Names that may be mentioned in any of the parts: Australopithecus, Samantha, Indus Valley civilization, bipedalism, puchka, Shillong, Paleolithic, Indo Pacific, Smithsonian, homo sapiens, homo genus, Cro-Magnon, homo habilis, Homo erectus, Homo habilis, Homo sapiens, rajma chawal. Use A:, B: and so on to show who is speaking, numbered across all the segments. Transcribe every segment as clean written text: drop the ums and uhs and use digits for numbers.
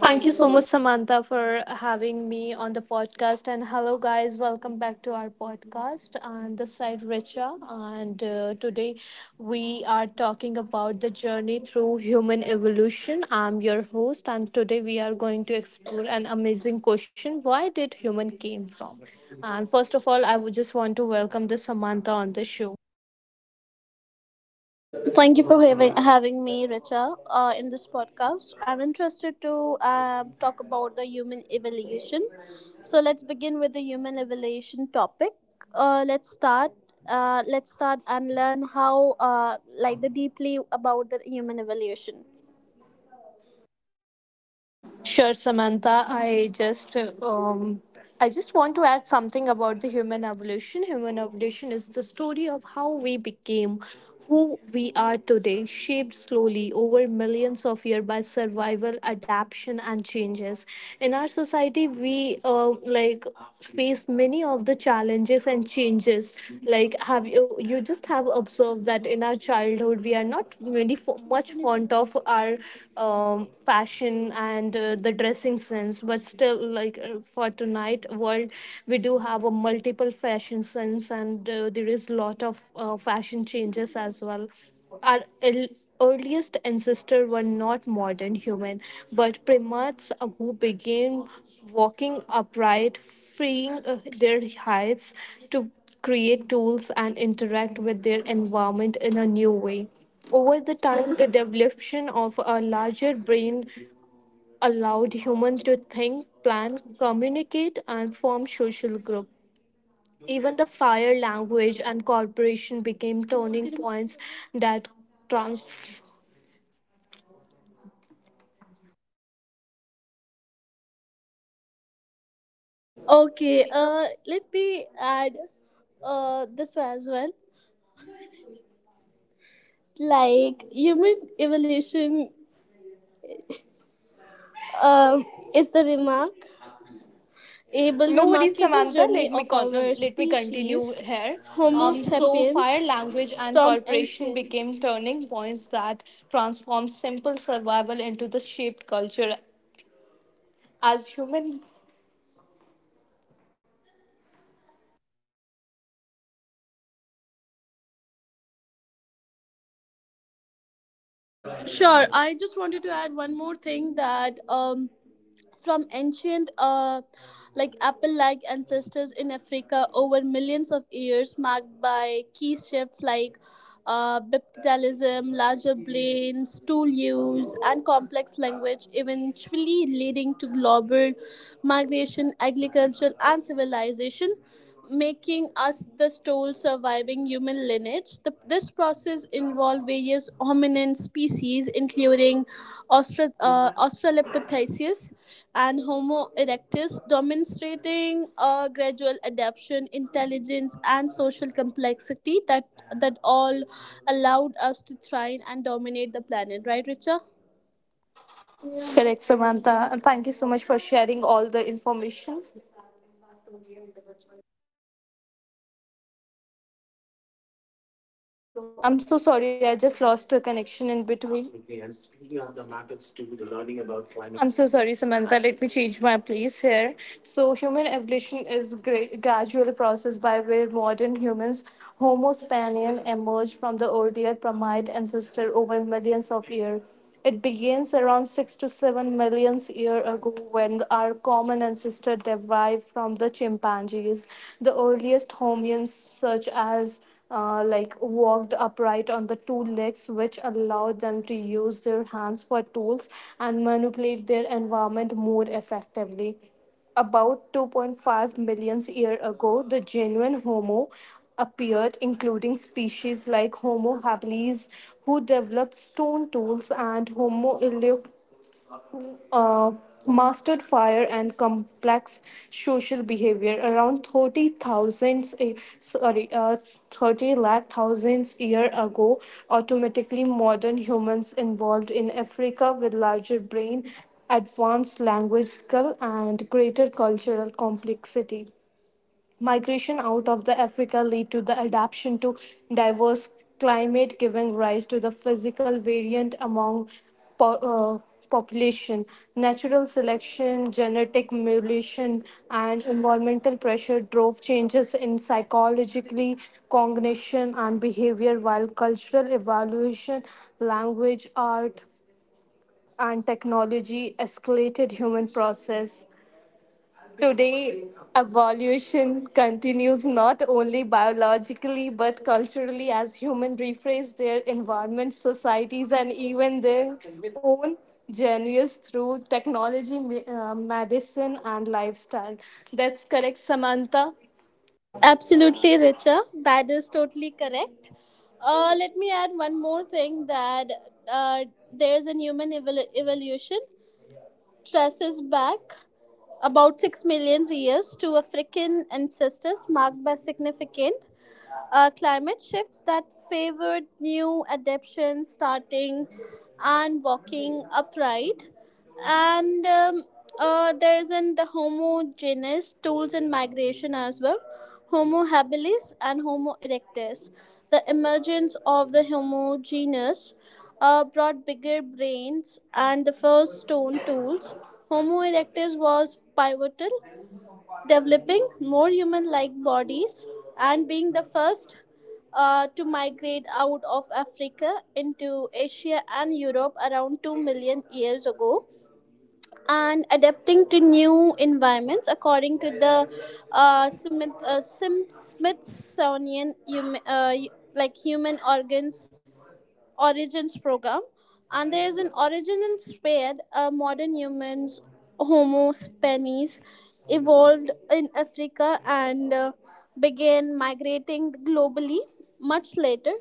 A: Thank
B: Thank
A: you
B: you
A: so
B: so
A: much.
B: much, Samantha, for having me on the podcast. And hello, guys. Welcome back to our podcast. And this side, Richa. And Today we are talking about the journey through human evolution. I'm your host. And today we are going to explore an amazing question: why did human came from? And first of all, I would just want to welcome the Samantha on the show.
A: Thank you for having me, Richa, in this podcast. I'm interested to talk about the human evolution. So let's begin with the human evolution topic. Let's start. Let's start and learn how the deeply about the human evolution.
B: Sure, Samantha. Um, I just want to add something about the human evolution. Human evolution is the story of how we became who we are today, shaped slowly over millions of years by survival, adaptation, and changes. In our society, we face many of the challenges and changes. Like have you just have observed that in our childhood we are not really much fond of our fashion and the dressing sense, but still for tonight world we do have a multiple fashion sense, and there is lot of fashion changes as well. Our earliest ancestor were not modern human but primates who began walking upright, freeing their heights to create tools and interact with their environment in a new way. Over the time, the development of a larger brain allowed humans to think, plan, communicate, and form social groups. Even the fire language and cooperation became turning points that trans.
A: Okay. Let me add, this as well. Like human evolution, um, is the
B: No worries,
A: remarkable
B: Samantha.
A: journey
B: Let me
A: of our
B: let me continue
A: species
B: here.
A: Homo
B: So
A: sapiens
B: fire language and
A: from
B: cooperation
A: ancient.
B: became turning points that transformed simple survival into the shaped culture as human.
A: Sure, I just wanted to add one more thing that from ancient like apple like ancestors in Africa over millions of years, marked by key shifts like bipedalism, larger brains, tool use, and complex language, eventually leading to global migration, agriculture, and civilization, making us the sole surviving human lineage. This process involved various hominin species, including Australopithecus and Homo erectus, demonstrating a gradual adaptation, intelligence, and social complexity that allowed us to thrive and dominate the planet. Right, Richa?
B: Correct, Samantha. And thank you so much for sharing all the information. I'm so sorry, I just lost the connection in between. I'm so sorry, Samantha. Let me change my place here. So, human evolution is gradual process by where modern humans, Homo spanian, emerged from the earlier primate ancestor over millions of years. It begins around 6 to 7 million years ago when our common ancestor derived from the chimpanzees. The earliest hominins, such as walked upright on the two legs, which allowed them to use their hands for tools and manipulate their environment more effectively. About 2.5 million years ago, the genuine Homo appeared, including species like Homo habilis, who developed stone tools, and Homo erectus, uh, mastered fire and complex social behavior. Around 30,000, eh, sorry, uh, 30 lakh thousands year ago, automatically modern humans evolved in Africa with larger brain, advanced language skill, and greater cultural complexity. Migration out of the Africa lead to the adaptation to diverse climate, giving rise to the physical variant among po- uh, population. Natural selection, genetic mutation, and environmental pressure drove changes in psychologically cognition and behavior, while cultural evaluation, language, art, and technology escalated human process. Today, evolution continues not only biologically but culturally as humans rephrase their environment, societies, and even their own journeys through technology, medicine, and lifestyle. That's correct, Samantha.
A: Absolutely, Richa. That is totally correct. Let me add one more thing, that uh, there's an human evolution traces back about 6 million years to African ancestors, marked by significant climate shifts that favored new adaptations, starting and walking upright and there's in the homogeneous tools in migration as well. Homo habilis and Homo erectus, the emergence of the Homo genus, brought bigger brains and the first stone tools. Homo erectus was pivotal, developing more human-like bodies and being the first to migrate out of Africa into Asia and Europe around 2 million years ago and adapting to new environments, according to the Smithsonian like human organs origins program. And there is an origin in spared modern humans, Homo spenis, evolved in Africa and began migrating globally much later,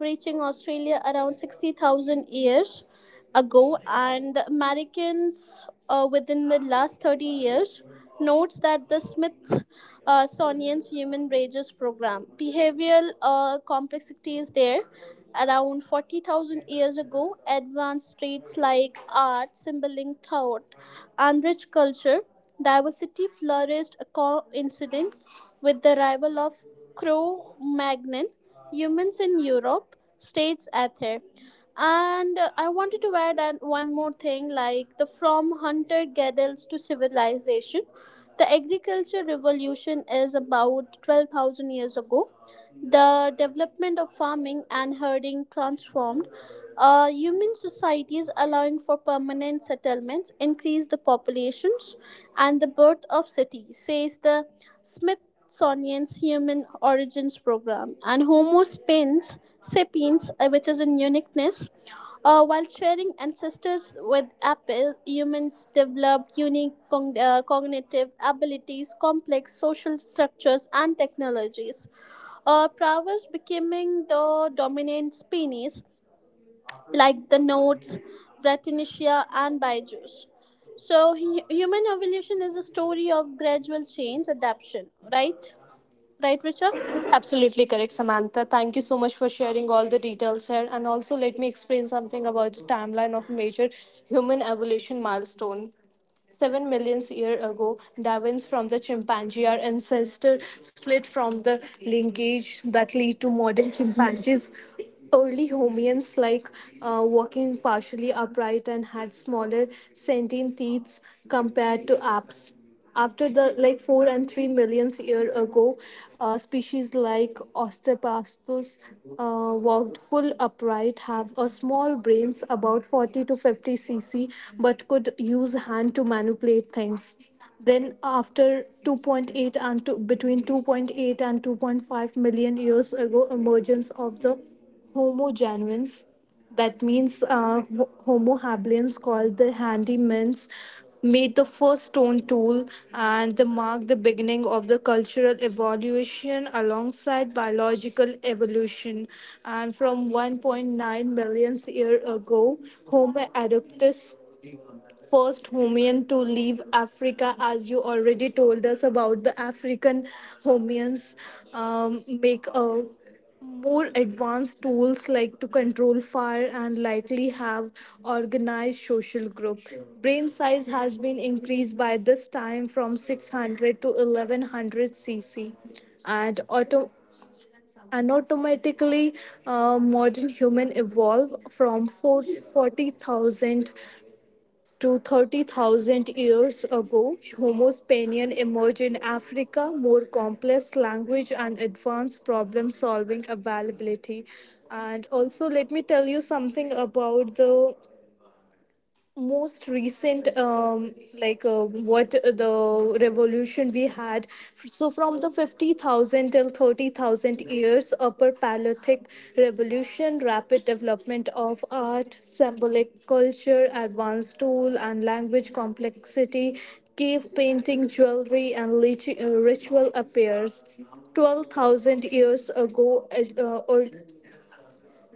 A: reaching Australia around 60,000 years ago, and the Americans within the last 30 years, notes that the Smithsonian's Human Wages Program behavioral complexity is there. Around 40,000 years ago, advanced traits like art, symboling thought, and rich culture diversity flourished, a coincident with the arrival of Cro-Magnon humans in Europe, states Ather. And I wanted to add that one more thing, like the from hunter gatherers to civilization, the agriculture revolution is about 12,000 years ago. The development of farming and herding transformed human societies, allowing for permanent settlements, increased the populations, and the birth of cities, says the Smithsonian's Human Origins Program. And Homo sapiens sapiens, which is in uniqueness. While sharing ancestors with Apple, humans developed unique cognitive abilities, complex social structures, and technologies. Prowess, becoming the dominant species, like the nodes, Brettanomyces, and Bijus. So, human evolution is a story of gradual change, adaptation, right? Right, Richard?
B: Absolutely correct, Samantha. Thank you so much for sharing all the details here. And also, let me explain something about the timeline of major human evolution milestone. 7 million years ago, Darwin's from the chimpanzee, our ancestor, split from the lineage that lead to modern chimpanzees. Early hominins, like walking partially upright and had smaller sentient teeth compared to apes. After the like four and three millions year ago, species like Osteopastos walked full upright, have a small brains about 40 to 50 cc, but could use hand to manipulate things. Then after 2.8 and two between 2.8 and 2.5 million years ago, emergence of the Homo genuines, that means Homo habilis, called the Handymans, made the first stone tool, and they marked the beginning of the cultural evolution alongside biological evolution. And from 1.9 million years ago, Homo erectus first homian to leave Africa, as you already told us about the African homians, make a more advanced tools like to control fire and likely have organized social group. Brain size has been increased by this time from 600 to 1100 cc, and auto and automatically modern human evolve from 4 40,000 to 30,000 years ago. Homo Spanian emerged in Africa, more complex language and advanced problem solving availability. And also, let me tell you something about the most recent um, what the revolution we had. So from the 50,000 till 30,000 years, upper paleolithic revolution, rapid development of art, symbolic culture, advanced tool, and language complexity. Cave painting, jewelry, and ritual appears. 12,000 years ago, or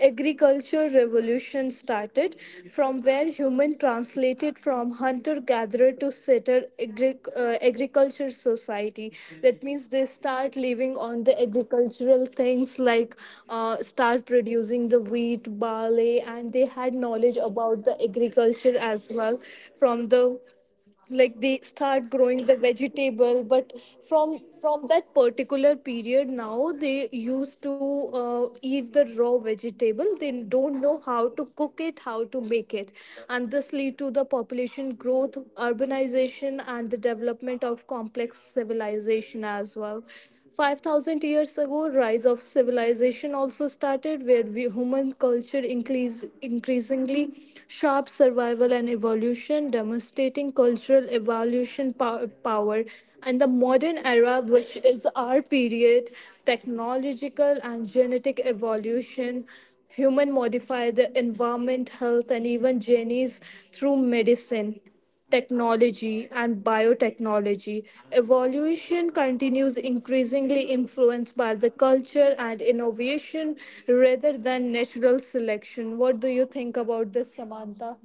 B: agriculture revolution started, from where human translated from hunter gatherer to settler agriculture society. That means they start living on the agricultural things, like start producing the wheat barley, and they had knowledge about the agriculture as well. From the like they start growing the vegetable, but from that particular period now they used to eat the raw vegetable. They don't know how to cook it, how to make it. And this lead to the population growth, urbanization, and the development of complex civilization as well. 5,000 years ago, rise of civilization also started, where we, human culture increasingly sharp survival and evolution, demonstrating cultural evolution power. And the modern era, which is our period, technological and genetic evolution, human modify the environment, health, and even genies through medicine, technology, and biotechnology. Evolution continues increasingly influenced by the culture and innovation rather than natural selection. What do you think about this, Samantha?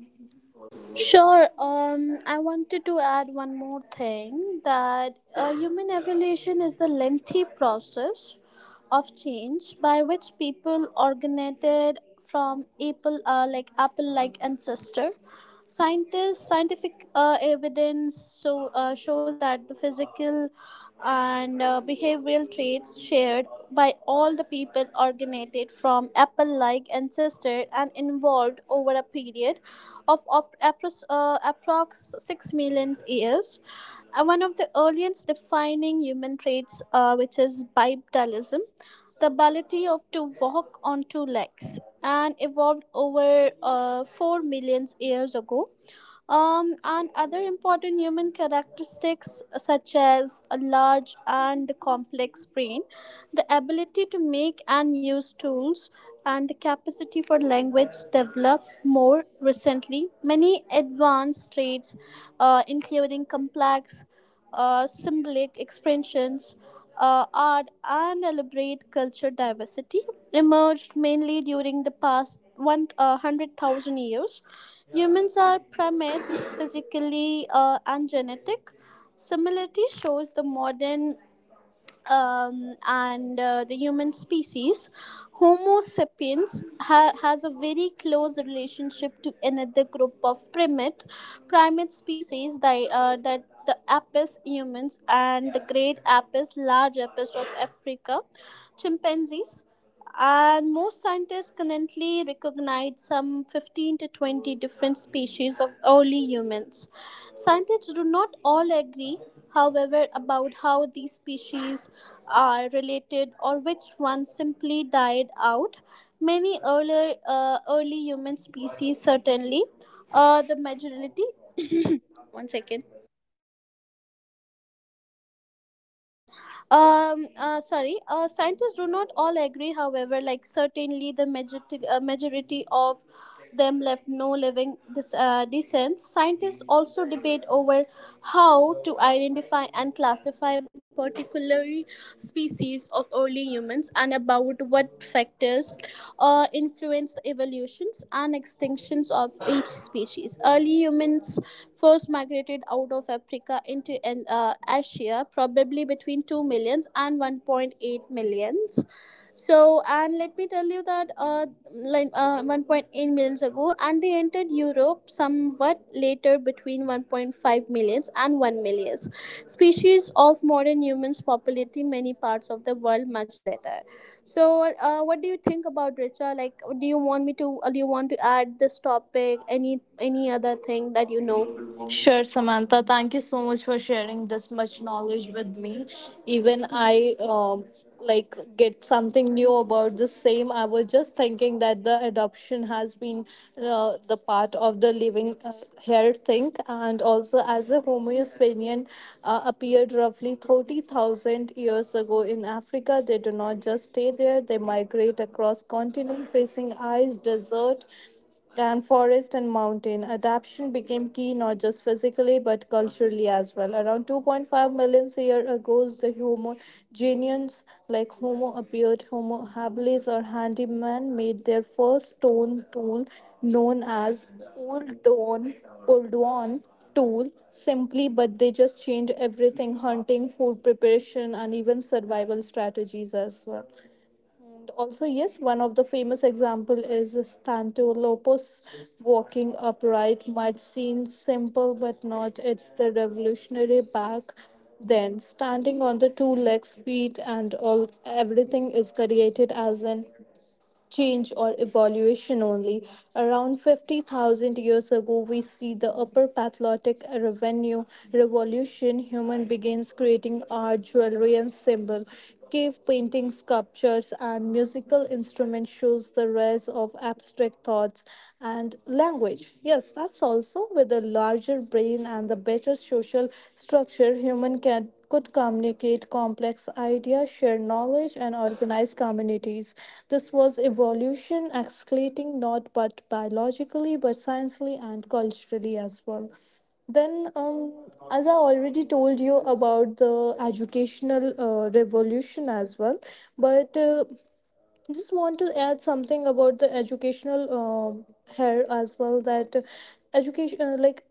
A: Sure. I wanted to add one more thing, that human evolution is the lengthy process of change by which people originated from apple-like ancestor. Scientific evidence shows that the physical and behavioral traits shared by all the people originated from apple-like ancestor and evolved over a period of approx 6 million years. And one of the earliest defining human traits, which is bipedalism, the ability of to walk on two legs, and evolved over 4 million years ago. And other important human characteristics, such as a large and the complex brain, the ability to make and use tools, and the capacity for language developed more recently. Many advanced traits, including complex symbolic expressions, art, and elaborate culture diversity emerged mainly during the past one 100,000 years. Humans are primates, physically and genetic. Similarity shows the modern and the human species, Homo sapiens, has a very close relationship to another group of primate species that the apis humans and the great apis, large apis of Africa, chimpanzees. And most scientists currently recognize some 15 to 20 different species of early humans. Scientists do not all agree, however, about how these species are related or which one simply died out. Many earlier, early human species, certainly, uh, the majority, one second, sorry, scientists do not all agree, however, like certainly the majority of them left no living this descent. Scientists also debate over how to identify and classify particular species of early humans and about what factors influence the evolutions and extinctions of each species. Early humans first migrated out of Africa into Asia, probably between 2 millions and 1.8 millions. So, and let me tell you that 1.8 millions ago, and they entered Europe somewhat later, between 1.5 millions and 1 million. Species of modern humans populating many parts of the world much later. So, what do you think about, Richa? Like, do you want me to? Do you want to add this topic? Any other thing that you know?
B: Sure, Samantha. Thank you so much for sharing this much knowledge with me. Even I get something new about the same. I was just thinking that the adoption has been the part of the living here thing, and also as a Homo Hispanian appeared roughly 30,000 years ago in Africa. They do not just stay there; they migrate across continent, facing ice, desert, and forest, and mountain. Adaptation became key, not just physically but culturally as well. Around 2.5 million years ago, the Homo genians like Homo appeared. Homo habilis or handyman made their first stone tool known as old dawn, old dawn tool simply, but they just changed everything: hunting, food preparation, and even survival strategies as well. And also, yes, one of the famous example is Stantolopos. Walking upright might seem simple, but not. It's the revolutionary back then. Standing on the two legs, feet, and all, everything is created as an change or evolution only. Around 50,000 years ago, we see the upper Paleolithic revenue revolution. Human begins creating art, jewelry, and symbol. Cave paintings, sculptures, and musical instruments shows the rise of abstract thoughts and language. Yes, that's also with a larger brain and the better social structure, human can could communicate complex ideas, share knowledge, and organize communities. This was evolution escalating not but biologically, but scientifically and culturally as well. Then as I already told you about the educational revolution as well, but I just want to add something about the educational here as well, that education uh, like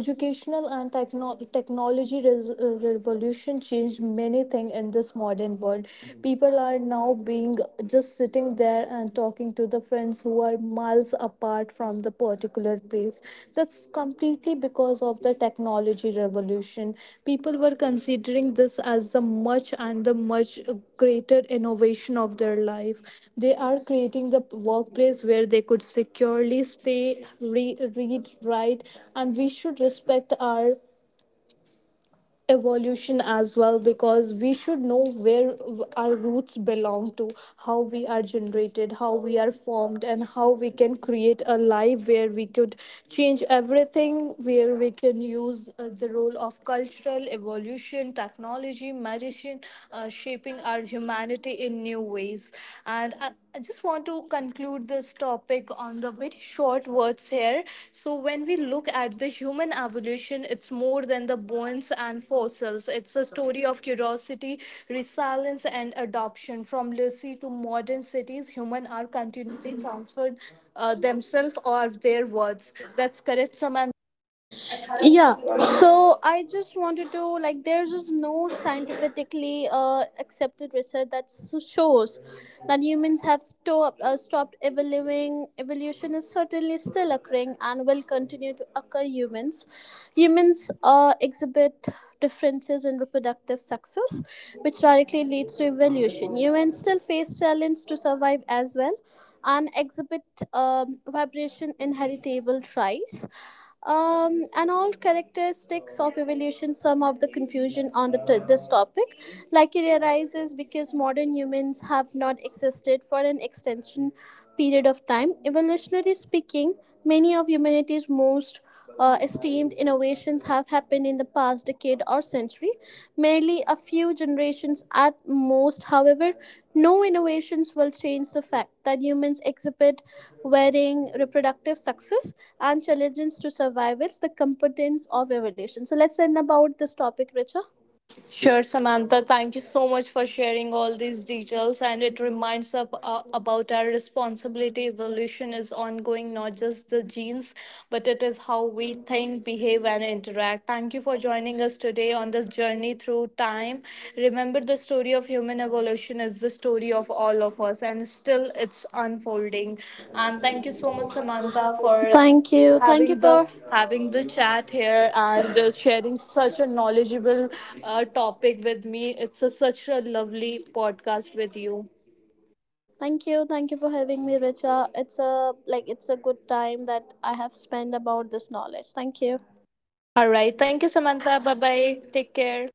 B: educational and technology revolution changed many things in this modern world. Mhm. People are now being just sitting there and talking to the friends who are miles apart from the particular place. That's completely because of the technology revolution. People were considering this as the much created innovation of their life. They are creating the workplace where they could securely stay, read, write. And we should respect our evolution as well, because we should know where our roots belong to, how we are generated, how we are formed, and how we can create a life where we could change everything, where we can use the role of cultural evolution, technology, medicine, shaping our humanity in new ways. And I just want to conclude this topic on the very short words here. So, when we look at the human evolution, it's more than the bones and fossils. It's a story of curiosity, resilience, and adoption. From literacy to modern cities, humans are continually transferred themselves or their words. That's correct, Samantha.
A: Yeah, so I just wanted to like, there's just no scientifically accepted research that shows that humans have stopped evolving. Evolution is certainly still occurring and will continue to occur. Humans exhibit differences in reproductive success, which directly leads to evolution. Humans still face challenge to survive as well, and exhibit vibration inheritable traits, and all characteristics of evolution. Some of the confusion on this topic, like it arises because modern humans have not existed for an extension period of time, evolutionary speaking. Many of humanity's most esteemed innovations have happened in the past decade or century, merely a few generations at most. However, no innovations will change the fact that humans exhibit varying reproductive success and challenges to survival, the competence of evolution. So let's end about this topic, Richa.
B: Sure, Samantha. Thank you so much for sharing all these details. And it reminds us about our responsibility. Evolution is ongoing, not just the genes, but it is how we think, behave, and interact. Thank you for joining us today on this journey through time. Remember, the story of human evolution is the story of all of us, and still it's unfolding. And thank you so much, Samantha, for
A: Thank you. Thank you
B: having the
A: for
B: having the chat here and just sharing such a knowledgeable topic with me. It's a, such a lovely podcast with you.
A: Thank you, thank you for having me, Richa. It's a like it's a good time that I have spent about this knowledge. Thank you.
B: All right, thank you, Samantha. Bye bye, take care.